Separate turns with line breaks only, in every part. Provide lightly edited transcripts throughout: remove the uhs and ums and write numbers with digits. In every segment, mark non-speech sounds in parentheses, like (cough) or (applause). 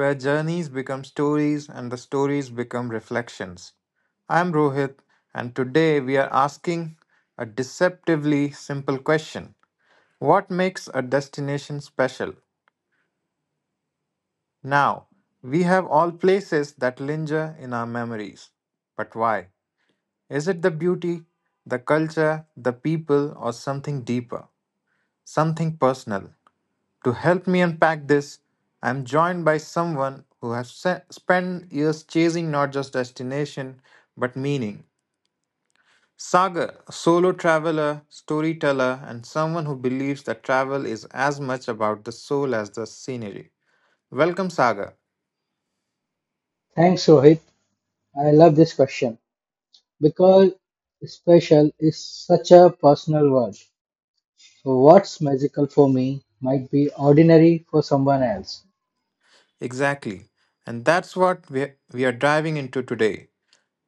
where journeys become stories and the stories become reflections. I'm Rohit, and today we are asking a deceptively simple question: what makes a destination special? Now, we have all places that linger in our memories. But why? Is it the beauty, the culture, the people, or something deeper? Something personal. To help me unpack this, I am joined by someone who has spent years chasing not just destination but meaning. Sagar, a solo traveler, storyteller, and someone who believes that travel is as much about the soul as the scenery. Welcome, Sagar.
Thanks, Rohit. I love this question because special is such a personal word. So, what's magical for me might be ordinary for someone else.
Exactly. And that's what we are diving into today.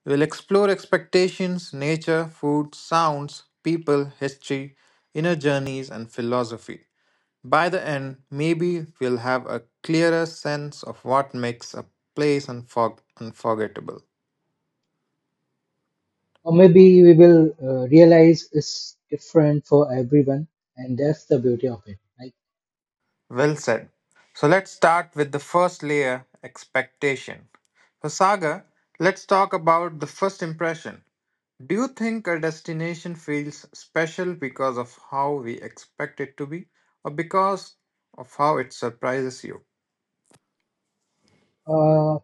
We'll explore expectations, nature, food, sounds, people, history, inner journeys, and philosophy. By the end, maybe we'll have a clearer sense of what makes a place unforgettable.
Or maybe we will realize it's different for everyone, and that's the beauty of it. Like,
Well said. So let's start with the first layer: expectation. For Saga, let's talk about the first impression. Do you think a destination feels special because of how we expect it to be, or because of how it surprises you?
uh,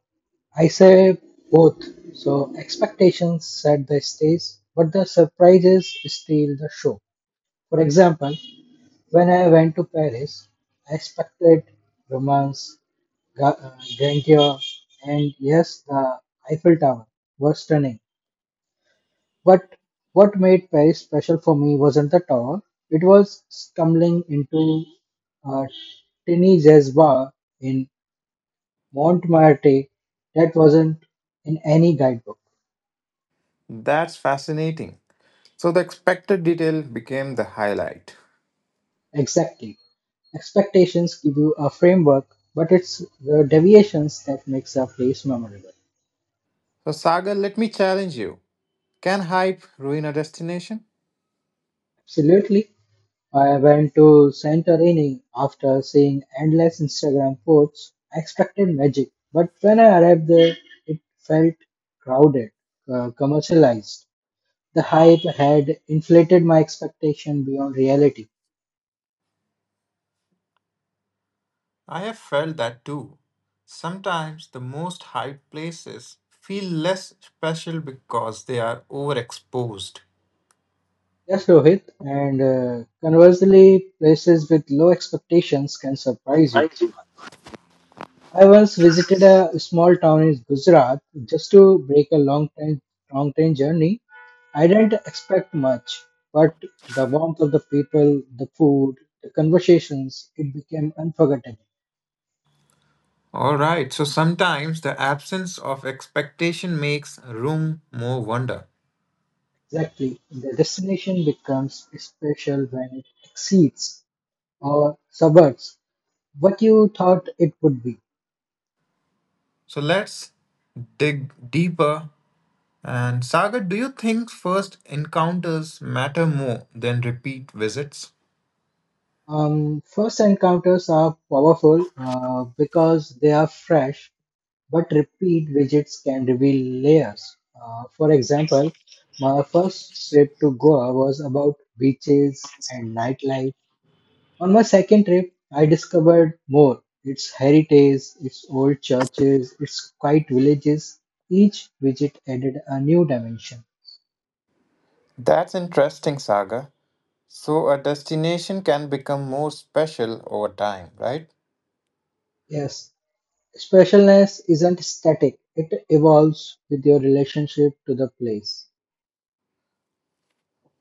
I say both. So, expectations set the stage, but the surprises steal the show. For example, when I went to Paris, I expected romance, Ga- uh, grandeur, and yes, the Eiffel Tower were stunning. But what made Paris special for me wasn't the tower, it was stumbling into a tiny jazz bar in Montmartre that wasn't in any guidebook.
That's fascinating. So the expected detail became the highlight.
Exactly. Expectations give you a framework, but it's the deviations that makes a place memorable.
So, Sagar, let me challenge you. Can hype ruin a destination?
Absolutely. I went to Santorini after seeing endless Instagram posts. I expected magic, but when I arrived there, it felt crowded, commercialized. The hype had inflated my expectation beyond reality.
I have felt that too. Sometimes the most hyped places feel less special because they are overexposed.
Yes, Rohit, and conversely, places with low expectations can surprise you.
I see.
I once visited a small town in Gujarat just to break a long time long train journey. I didn't expect much, but the warmth of the people, the food, the conversations, it became unforgettable.
Alright, so sometimes the absence of expectation makes room more wonder.
Exactly. The destination becomes special when it exceeds or subverts what you thought it would be.
So let's dig deeper. And Sagar, do you think first encounters matter more than repeat visits?
First encounters are powerful because they are fresh but repeat visits can reveal layers. For example, my first trip to Goa was about beaches and nightlife. On my second trip, I discovered more its heritage, its old churches, its quiet villages. Each visit added a new dimension.
That's interesting, Saga. So a destination can become more special over time, right?
Yes, specialness isn't static, it evolves with your relationship to the place.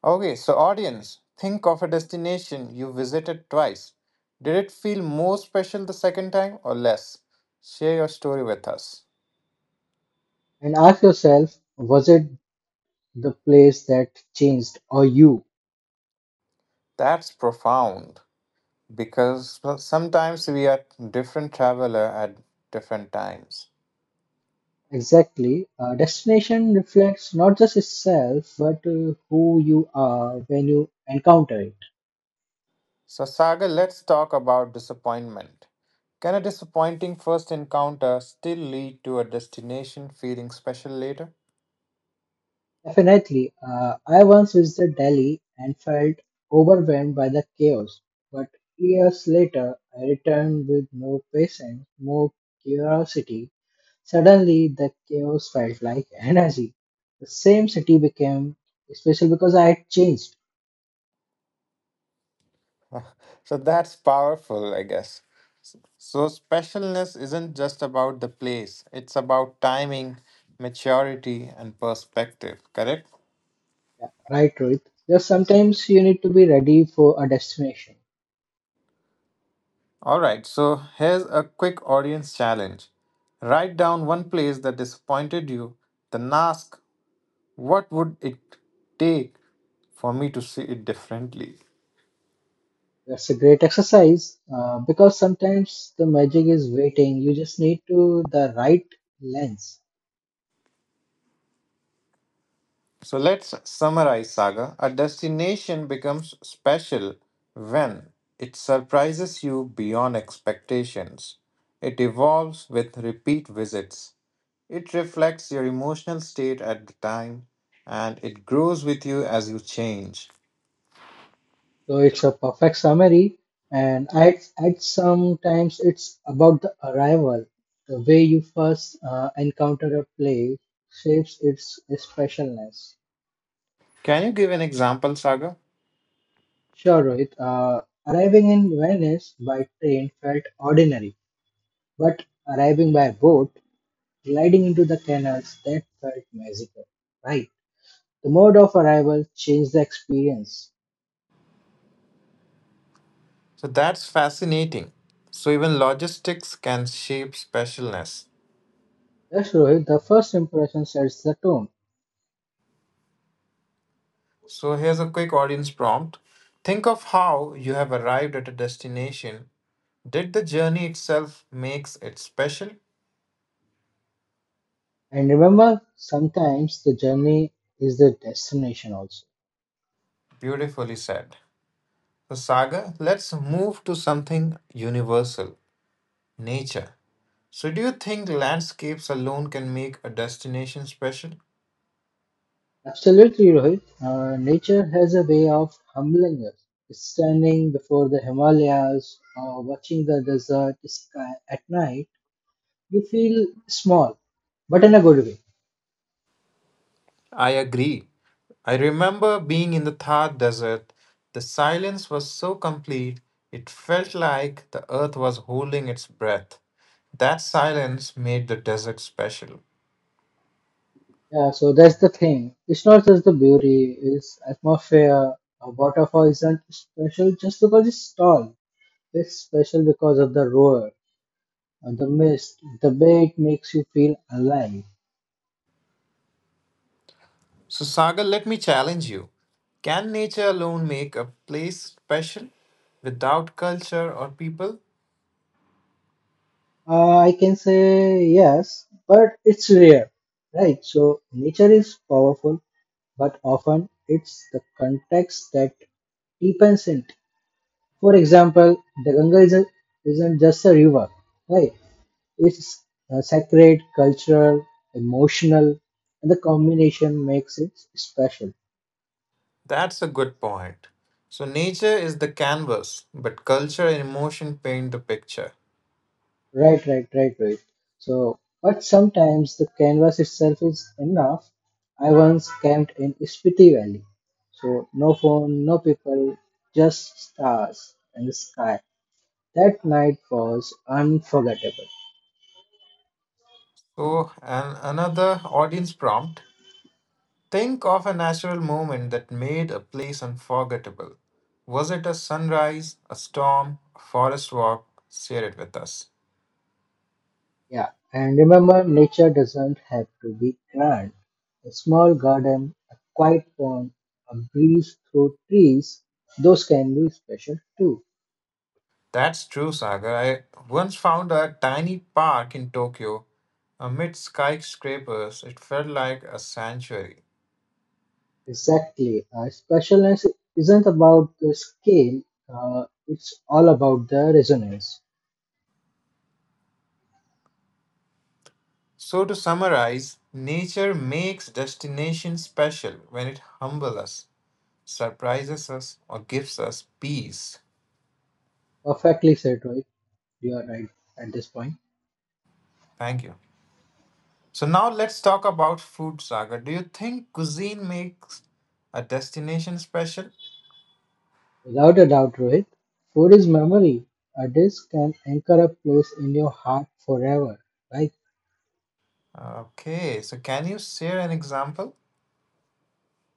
Okay, so audience, think of a destination you visited twice. Did it feel more special the second time or less? Share your story with us.
And ask yourself was it the place that changed or you?
That's profound, because well, sometimes we are different traveler at different times.
Exactly. Destination reflects not just itself, but who you are when you encounter it.
So Sagar, let's talk about disappointment. Can a disappointing first encounter still lead to a destination feeling special later?
Definitely. I once visited Delhi and felt overwhelmed by the chaos, but years later, I returned with more patience, more curiosity. Suddenly, the chaos felt like (laughs) energy. The same city became special because I had changed.
So that's powerful, I guess. So specialness isn't just about the place, it's about timing, maturity, and perspective, correct?
Yeah, right, Rohit. Because sometimes you need to be ready for a destination.
All right, so here's a quick audience challenge. Write down one place that disappointed you, then ask, what would it take for me to see it differently?
That's a great exercise because sometimes the magic is waiting. You just need to the right lens.
So let's summarize, Saga. A destination becomes special when it surprises you beyond expectations. It evolves with repeat visits. It reflects your emotional state at the time, and it grows with you as you change.
So it's a perfect summary. And at sometimes it's about the arrival. The way you first encounter a play shapes its specialness.
Can you give an example, Saga?
Sure, Rohit. Arriving in Venice by train felt ordinary, but arriving by boat, gliding into the canals, that felt magical, right? The mode of arrival changed the experience.
So that's fascinating. So even logistics can shape specialness.
Yes, Rohit, the first impression sets the tone.
So here's a quick audience prompt. Think of how you have arrived at a destination. Did the journey itself makes it special?
And remember, sometimes the journey is the destination also.
Beautifully said. So Saga, let's move to something universal: nature. So do you think landscapes alone can make a destination special?
Absolutely, Rohit. Nature has a way of humbling us. Standing before the Himalayas or watching the desert sky at night, you feel small, but in a good way.
I agree. I remember being in the Thar desert. The silence was so complete, it felt like the earth was holding its breath. That silence made the desert special.
Yeah, so that's the thing. It's not just the beauty, it's atmosphere. A waterfall isn't special just because it's tall. It's special because of the roar, the mist, the way it makes you feel alive.
So, Sagar, let me challenge you. Can nature alone make a place special without culture or people?
I can say yes, but it's rare, right? So nature is powerful, but often it's the context that deepens it. For example, the Ganga isn't just a river, right? It's sacred, cultural, emotional, and the combination makes it special.
That's a good point. So, nature is the canvas, but culture and emotion paint the picture.
Right, right, right, right. So, but sometimes the canvas itself is enough. I once camped in Spiti Valley. So, no phone, no people, just stars and the sky. That night was unforgettable.
So, and another audience prompt: think of a natural moment that made a place unforgettable. Was it a sunrise, a storm, a forest walk? Share it with us.
Yeah, and remember, nature doesn't have to be grand. A small garden, a quiet pond, a breeze through trees, those can be special too.
That's true, Sagar. I once found a tiny park in Tokyo. Amid skyscrapers, it felt like a sanctuary.
Exactly. Specialness isn't about the scale, it's all about the resonance.
So, to summarize, nature makes destination special when it humbles us, surprises us, or gives us peace.
Perfectly said, Rohit. You are right at this point.
Thank you. So, now let's talk about food, Saga. Do you think cuisine makes a destination special?
Without a doubt, Rohit, food is memory. A dish can anchor a place in your heart forever, right?
Okay, so can you share an example?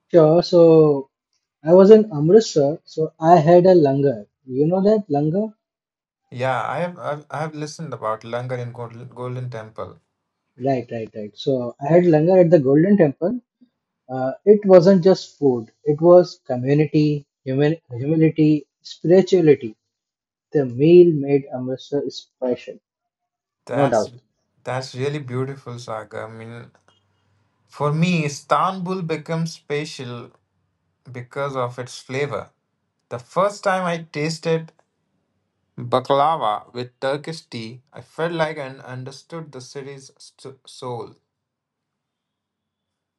Sure. So I was in Amritsar, so I had a langar. You know that langar?
Yeah, I have listened about Langar in Golden Temple.
Right, right, right. So I had langar at the Golden Temple, It wasn't just food, it was community, humility, spirituality. The meal made Amritsar special, no
That's
doubt.
that's really beautiful, Saga. I mean, for me, Istanbul becomes special because of its flavor. The first time I tasted baklava with Turkish tea, I felt like I understood the city's soul.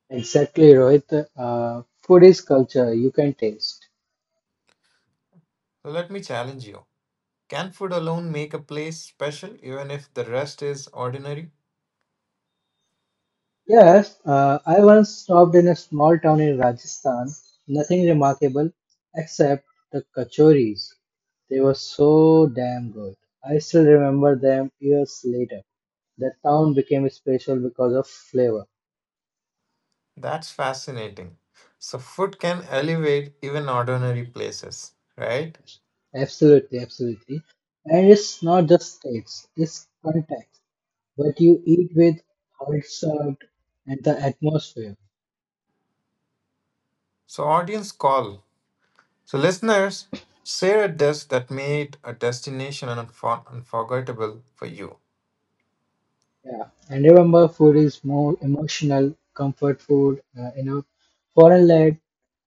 Exactly, Rohit. Food is culture, you can taste.
So let me challenge you. Can food alone make a place special even if the rest is ordinary?
Yes, I once stopped in a small town in Rajasthan. Nothing remarkable except the kachoris. They were so damn good. I still remember them years later. The town became special because of flavor.
That's fascinating. So food can elevate even ordinary places, right?
Absolutely, absolutely. And it's not just states, it's context. What you eat with, how it's served, and the atmosphere.
So audience call. So, listeners, share a dish that made a destination unforgettable for you.
Yeah. And remember, food is more emotional. Comfort food in a foreign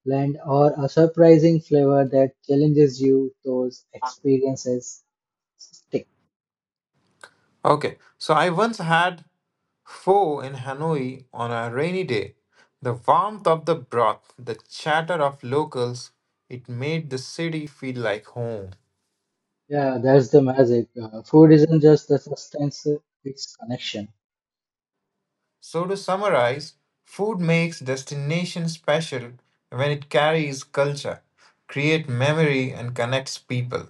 land or a surprising flavor that challenges you, those experiences stick.
Okay, so I once had pho in Hanoi on a rainy day. The warmth of the broth, the chatter of locals, it made the city feel like home.
Yeah, that's the magic. Food isn't just the substance, it's connection.
So, to summarize, food makes destination special when it carries culture, create memory, and connects people.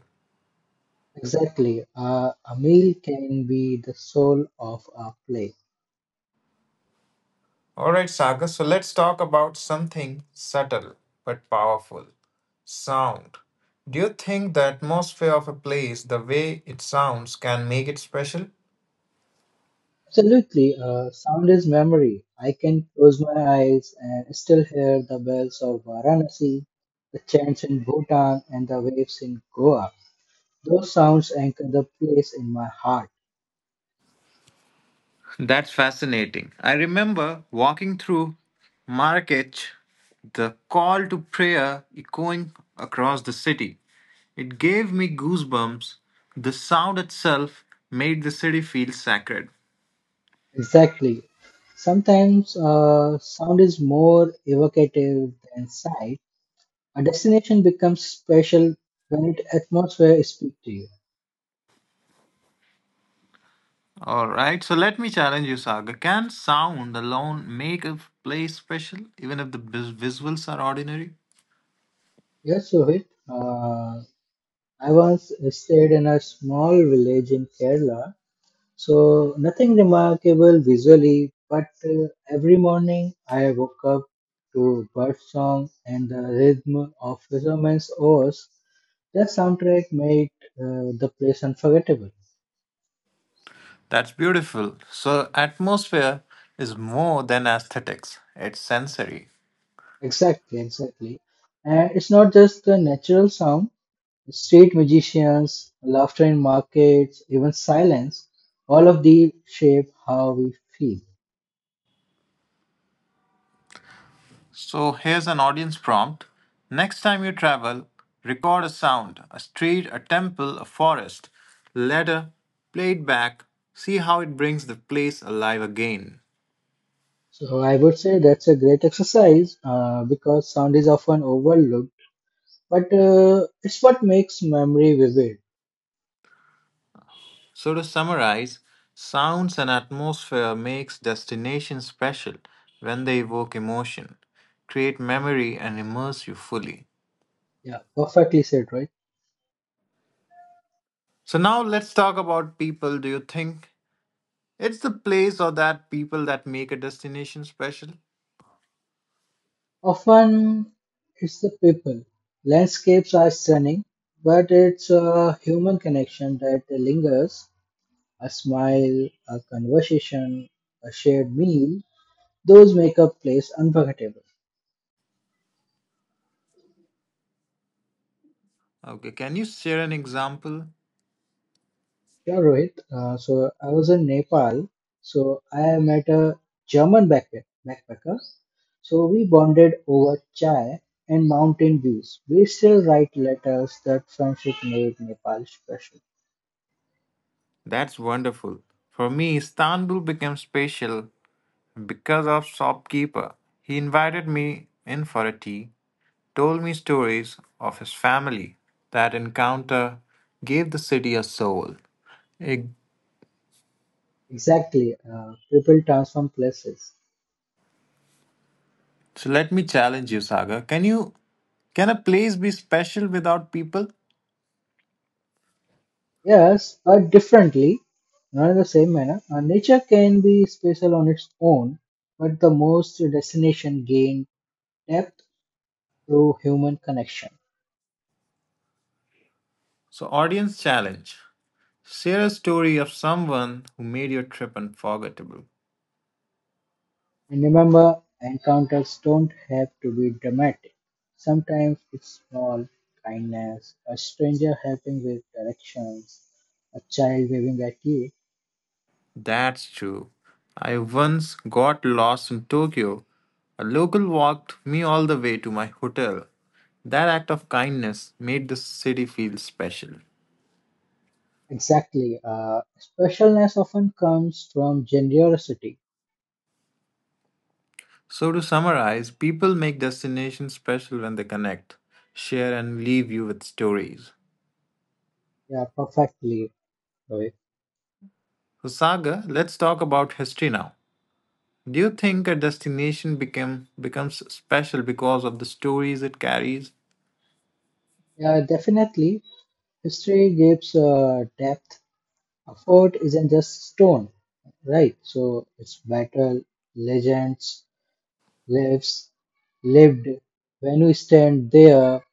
Exactly. A meal can be the soul of a play.
All right, Sagar. So let's talk about something subtle but powerful sound. Do you think the atmosphere of a place, the way it sounds, can make it special?
Absolutely. Sound is memory. I can close my eyes and still hear the bells of Varanasi, the chants in Bhutan, and the waves in Goa. Those sounds anchor the place in my heart.
That's fascinating. I remember walking through Marrakech, the call to prayer echoing across the city. It gave me goosebumps. The sound itself made the city feel sacred.
Exactly. Sometimes sound is more evocative than sight. A destination becomes special when its atmosphere speaks to you.
All right, so let me challenge you, Saga. Can sound alone make a place special, even if the visuals are ordinary?
Yes, Sohit. Uh, I once stayed in a small village in Kerala, so nothing remarkable visually, but every morning I woke up to bird song and the rhythm of fishermen's oars. That soundtrack made the place unforgettable.
That's beautiful. So, atmosphere is more than aesthetics, it's sensory.
Exactly, exactly. And it's not just the natural sound, street magicians, laughter in markets, even silence, all of these shape how we feel.
So, here's an audience prompt. Next time you travel, record a sound a street, a temple, a forest, ladder, play it back, see how it brings the place alive again.
So I would say that's a great exercise because sound is often overlooked, but it's what makes memory vivid.
So, to summarize, sounds and atmosphere makes destinations special when they evoke emotion, create memory, and immerse you fully.
Yeah, perfectly said, right?
So, now let's talk about people. Do you think it's the place or that people that make a destination special?
Often it's the people. Landscapes are stunning, but it's a human connection that lingers. A smile, a conversation, a shared meal, those make a place unforgettable.
Okay, can you share an example?
Yeah, Rohit. So I was in Nepal, so I met a German backpacker So we bonded over chai and mountain views. We still write letters that friendship made Nepal special.
That's wonderful. For me, Istanbul became special because of shopkeeper. He invited me in for a tea told me stories of his family. That encounter gave the city a soul. Eh,
Exactly. People transform places.
So let me challenge you, Saga. Can you can a place be special without people?
Yes, but differently, not in the same manner. Nature can be special on its own, but the most destination gain depth through human connection.
So audience challenge. Share a story of someone who made your trip unforgettable.
And remember, encounters don't have to be dramatic. Sometimes it's small kindness, a stranger helping with directions, a child waving at you.
That's true. I once got lost in Tokyo. A local walked me all the way to my hotel. That act of kindness made the city feel special.
Exactly. Specialness often comes from generosity.
So, to summarize, people make destinations special when they connect, share, and leave you with stories.
Yeah, perfectly, Rohit.
So, Saga, let's talk about history now. Do you think a destination becomes special because of the stories it carries?
Yeah, definitely. History gives depth. A fort isn't just stone, right? So it's battle, legends, lives lived. When you stand there,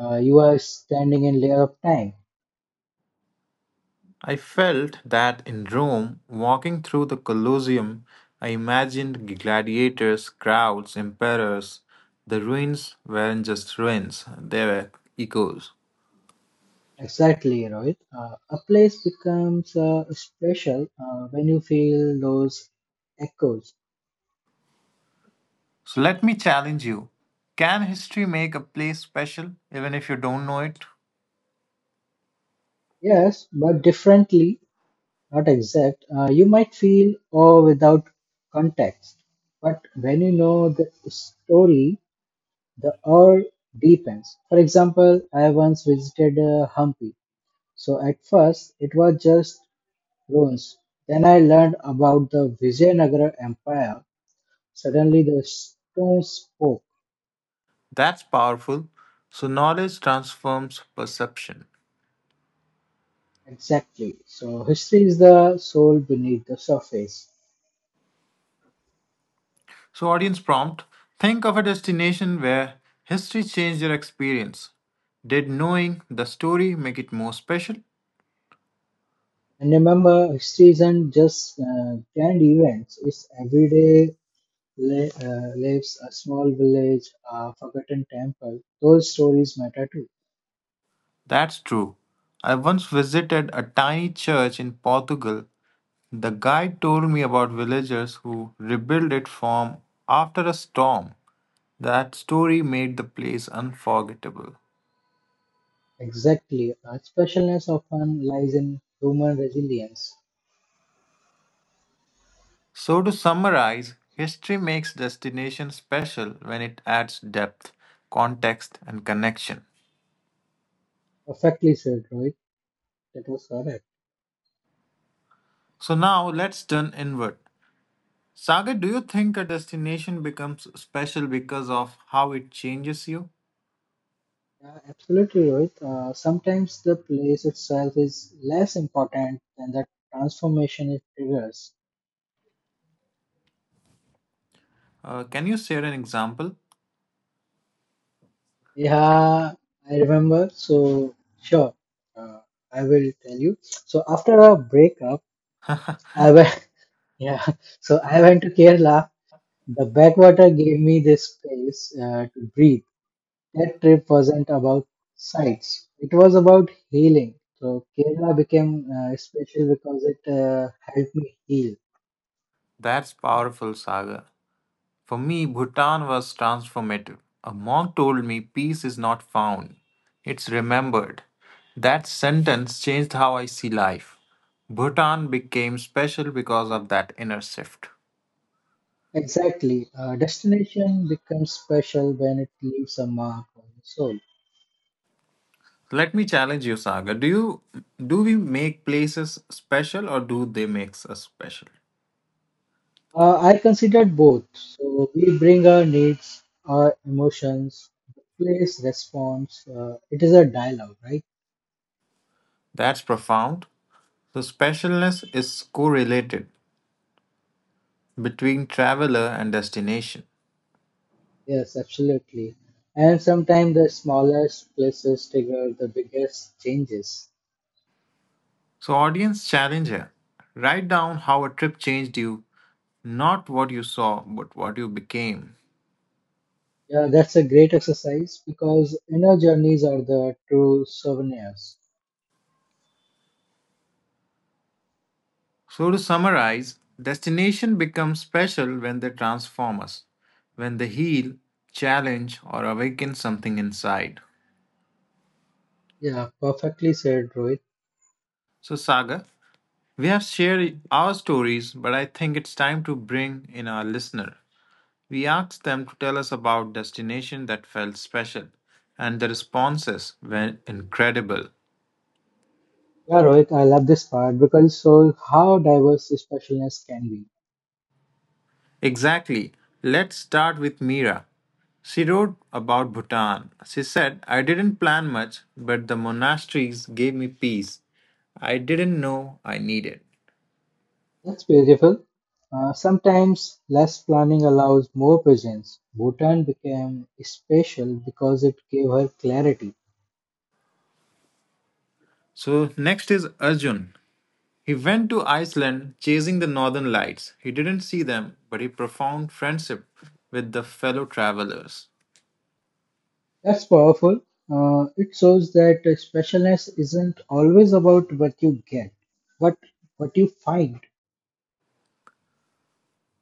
you are standing in layer of time.
I felt that in Rome, walking through the Colosseum, I imagined gladiators, crowds, emperors. The ruins weren't just ruins, they were echoes.
Exactly, Rohit. A place becomes special when you feel those echoes.
So let me challenge you. Can history make a place special even if you don't know it?
Yes, but differently, not exact. You might feel awe without context, but when you know the story, the awe deepens. For example, I once visited Hampi. So at first, it was just ruins. Then I learned about the Vijayanagara Empire. Suddenly the stone spoke.
That's powerful. So knowledge transforms perception.
Exactly. So history is the soul beneath the surface.
So, audience prompt think of a destination where history changed your experience. Did knowing the story make it more special?
And remember, history isn't just grand events. It's everyday lives, a small village, a forgotten temple. Those stories matter too.
That's true. I once visited a tiny church in Portugal. The guide told me about villagers who rebuilt it from after a storm. That story made the place unforgettable.
Exactly. Our specialness often lies in human resilience.
So, to summarize, history makes destination special when it adds depth, context, and connection.
Perfectly said, Rohit. That was correct.
So, now let's turn inward. Sagar, do you think a destination becomes special because of how it changes you?
Yeah, absolutely, Rohit. Sometimes the place itself is less important than the transformation it triggers.
Can you share an example?
Yeah, I remember. So, sure, uh, I will tell you. So, after a breakup, I went, (laughs) yeah, so I went to Kerala. The backwater gave me this space to breathe. That trip wasn't about sights, it was about healing. So, Kerala became special because it helped me heal.
That's powerful, Sagar. For me, Bhutan was transformative. A monk told me peace is not found, it's remembered. That sentence changed how I see life. Bhutan became special because of that inner shift.
Exactly. A destination becomes special when it leaves a mark on the soul.
Let me challenge you, Saga. Do we make places special or do they make us special?
I considered both. So we bring our needs, our emotions, the place responds. It is a dialogue, right?
That's profound. So specialness is correlated between traveler and destination.
Yes, absolutely. And sometimes the smallest places trigger the biggest changes.
So audience challenge here. Write down how a trip changed you not what you saw, but what you became.
Yeah, that's a great exercise because inner journeys are the true souvenirs.
So, to summarize, destination becomes special when they transform us, when they heal, challenge, or awaken something inside.
Yeah, perfectly said, Rohit.
So, Saga, we have shared our stories, but I think it's time to bring in our listener. We asked them to tell us about destination that felt special, and the responses were incredible.
Yeah, Rohit, I love this part because it shows how diverse specialness can be.
Exactly. Let's start with Mira. She wrote about Bhutan. She said, I didn't plan much, but the monasteries gave me peace I didn't know I needed.
That's beautiful. Sometimes less planning allows more presence. Bhutan became special because it gave her clarity.
So, next is Arjun. He went to Iceland chasing the northern lights. He didn't see them, but he profound friendship with the fellow travelers.
That's powerful. It shows that specialness isn't always about what you get, but what you find.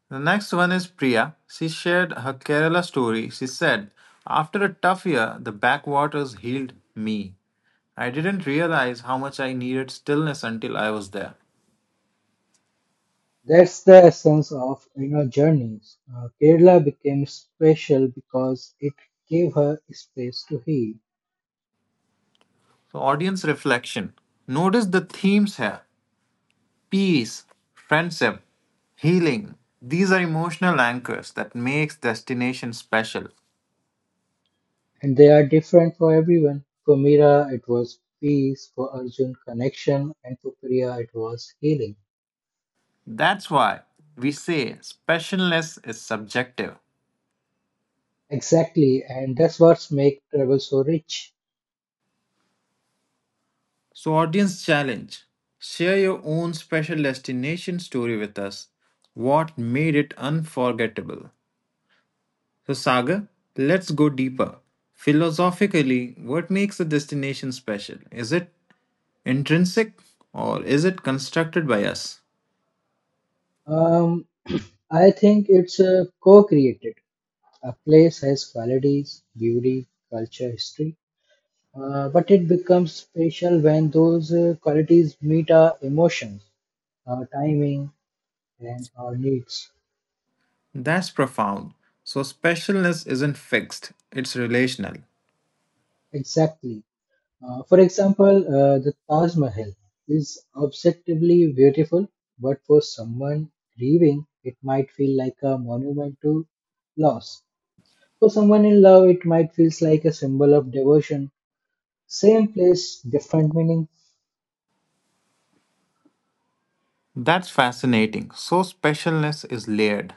The next one is Priya. She shared her Kerala story. She said, after a tough year, the backwaters healed me. I didn't realize how much I needed stillness until I was there.
That's the essence of inner journeys. Kerala became special because it gave her space to heal.
So, audience reflection. Notice the themes here peace, friendship, healing. These are emotional anchors that makes destination special.
And they are different for everyone. For Meera, it was peace, for Arjun, connection, and for Priya, it was healing.
That's why we say specialness is subjective.
Exactly, and that's what's make travel so rich.
So, audience challenge. Share your own special destination story with us. What made it unforgettable? So, Saga, let's go deeper. Philosophically, what makes a destination special? Is it intrinsic, or is it constructed by us?
Um, (clears throat) I think it's co-created. A place has qualities, beauty, culture, history, but it becomes special when those qualities meet our emotions, our timing, and our needs.
That's profound. So, specialness isn't fixed, it's relational.
Exactly. For example, the Taj Mahal is objectively beautiful, but for someone grieving, it might feel like a monument to loss. For someone in love, it might feel like a symbol of devotion. Same place, different meaning.
That's fascinating. So, specialness is layered.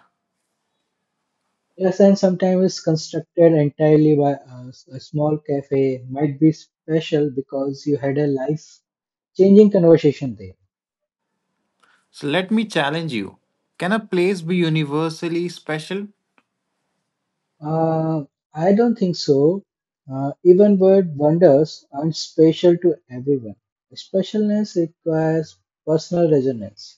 Yes, and sometimes it's constructed entirely by a small cafe, might be special because you had a life changing conversation there.
So, let me challenge you can a place be universally special?
Uh, I don't think so. Even word wonders aren't special to everyone. Specialness requires personal resonance.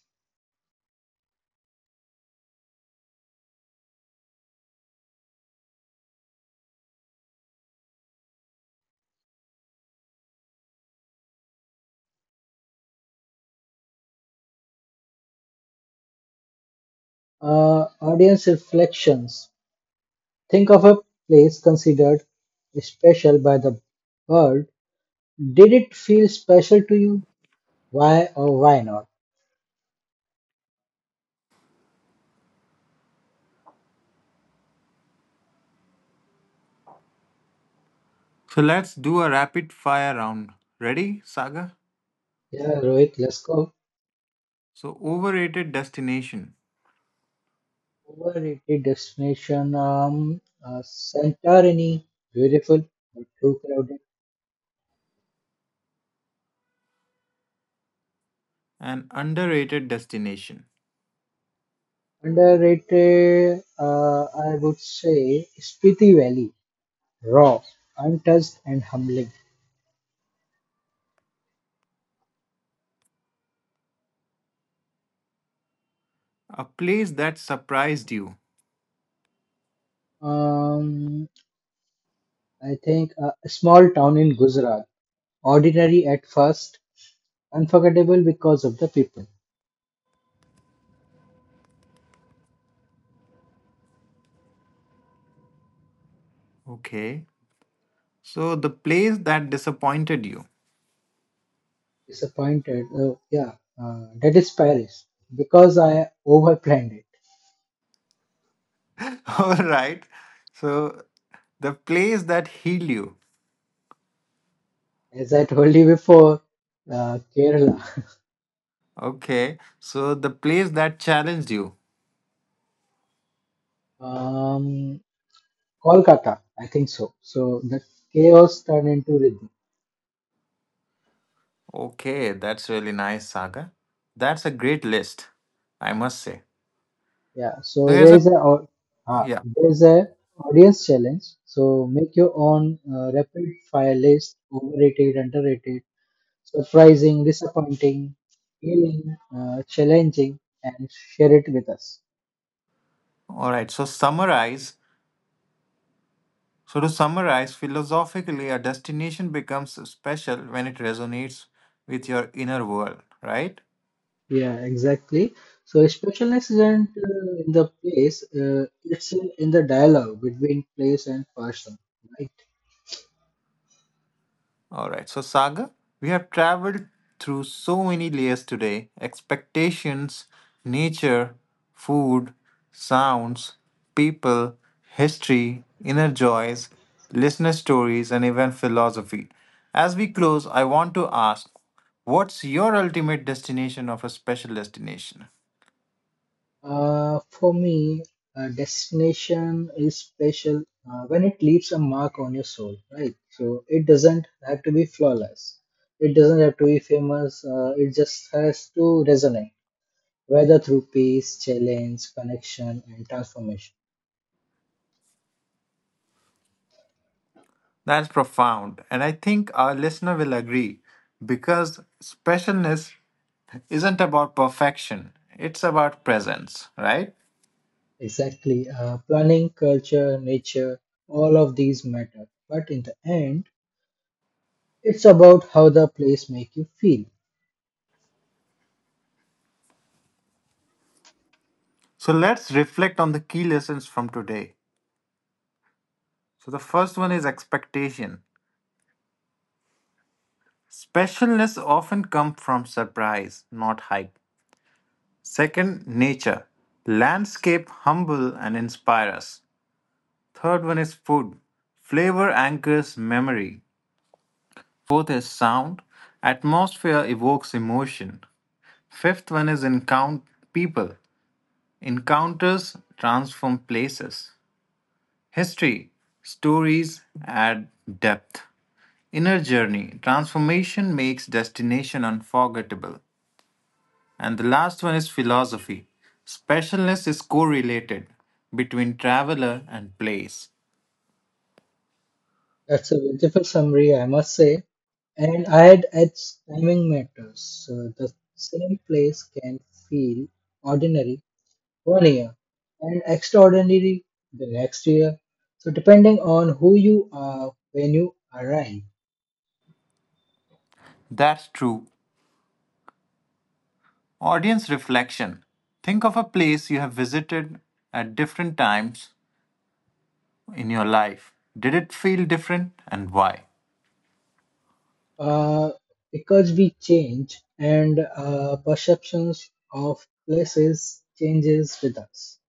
Audience reflections. Think of a place considered special by the world. Did it feel special to you? Why or why not?
So let's do a rapid fire round. Ready, Saga?
Yeah, Rohit, let's go.
So, overrated destination
Overrated destination, Santorini, beautiful but too crowded.
and underrated destination.
Underrated, I would say, Spiti Valley, raw, untouched, and humbling.
A place that surprised you.
Um, I think a small town in Gujarat, ordinary at first, unforgettable because of the people.
Okay. So, the place that disappointed you.
Disappointed, yeah, that is Paris because I overplanned it.
(laughs) All right. So, the place that healed you.
As I told you before, Kerala,
Okay. So, the place that challenged you.
um, Kolkata, I think so. So the chaos turned into rhythm.
Okay. That's really nice, Saga. That's a great list, I must say.
Yeah,
So,
so
here's
there
a.
is
Yeah.
there is a audience challenge. So make your own rapid fire list: overrated, underrated, surprising, disappointing, healing, challenging, and share it with us.
All right. So, to summarize, philosophically, a destination becomes special when it resonates with your inner world, right?
Yeah, exactly. So specialness isn't in the place; it's in the dialogue between place and person.
All right. So, Saga, we have traveled through so many layers today: expectations, nature, food, sounds, people, history, inner joys, listener stories, and even philosophy. As we close, I want to ask, what's your ultimate destination of a special destination?
For me, destination is special when it leaves a mark on your soul, right? So it doesn't have to be flawless. It doesn't have to be famous. It just has to resonate, whether through peace, challenge, connection, and transformation.
That's profound. And I think our listener will agree, because specialness isn't about perfection, it's about presence, right?
Exactly. Planning, culture, nature, all of these matter. But in the end, it's about how the place make you feel.
So let's reflect on the key lessons from today. So the first one is expectation. Specialness often comes from surprise, not hype. Second, nature. Landscape humble and inspire us. Third one is food. Flavor anchors memory. Fourth is sound. Atmosphere evokes emotion. Fifth one is encounter people. Encounters transform places. History, stories add depth. Inner journey, transformation makes destination unforgettable. And the last one is philosophy. Specialness is correlated between traveler and place.
That's a beautiful summary, I must say. And I'd timing matters. The same place can feel ordinary one year and extraordinary the next year. So, depending on who you are when you arrive,
That's true. Audience reflection. Think of a place you have visited at different times in your life. Did it feel different, and why?
uh, because we change and perceptions of places changes with us.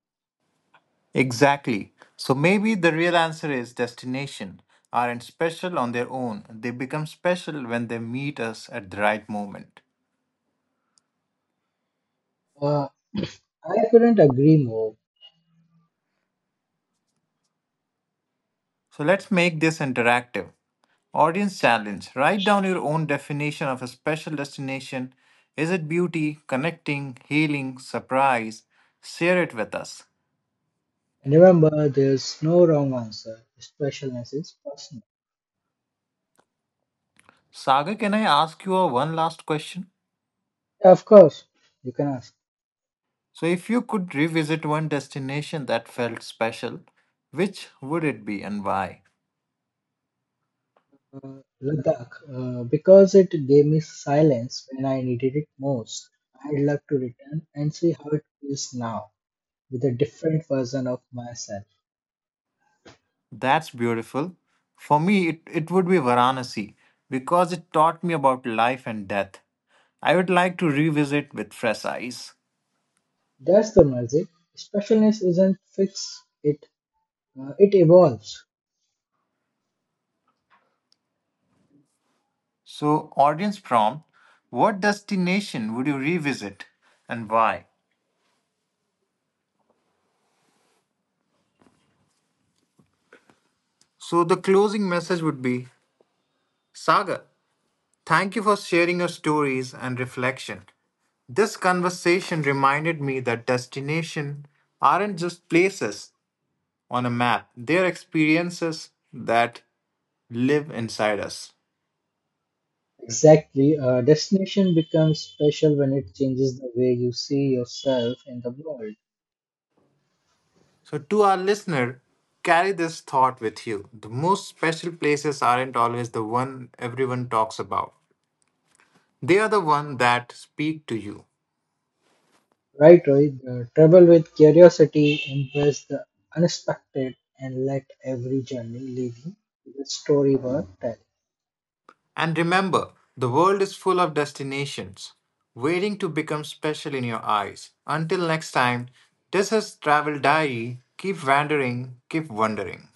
Exactly. So maybe the real answer is destination aren't special on their own. They become special when they meet us at the right moment.
Uh, I couldn't agree more.
So let's make this interactive. Audience challenge. Write down your own definition of a special destination. Is it beauty, connecting, healing, surprise? Share it with us.
And remember, there's no wrong answer. Specialness is personal.
Saga, can I ask you a one last question?
Yeah, of course, you can ask.
So if you could revisit one destination that felt special, which would it be and why?
uh, Ladakh, because it gave me silence when I needed it most. I'd love to return and see how it feels now with a different version of myself.
That's beautiful. For me, it would be Varanasi because it taught me about life and death. I would like to revisit with fresh eyes.
That's the magic. Specialness isn't fixed; it it evolves.
So, audience prompt, what destination would you revisit and why? So, the closing message would be, Saga, thank you for sharing your stories and reflection. This conversation reminded me that destinations aren't just places on a map, they're experiences that live inside us.
Exactly. Destination becomes special when it changes the way you see yourself in the world.
So, to our listener, carry this thought with you. The most special places aren't always the one everyone talks about, they are the one that speak to you.
Right, Rohit? The trouble with curiosity, embrace the unexpected and let every journey lead you to the story worth telling.
And remember, the world is full of destinations waiting to become special in your eyes. Until next time, this is Travel Diary. Keep wandering, keep wondering.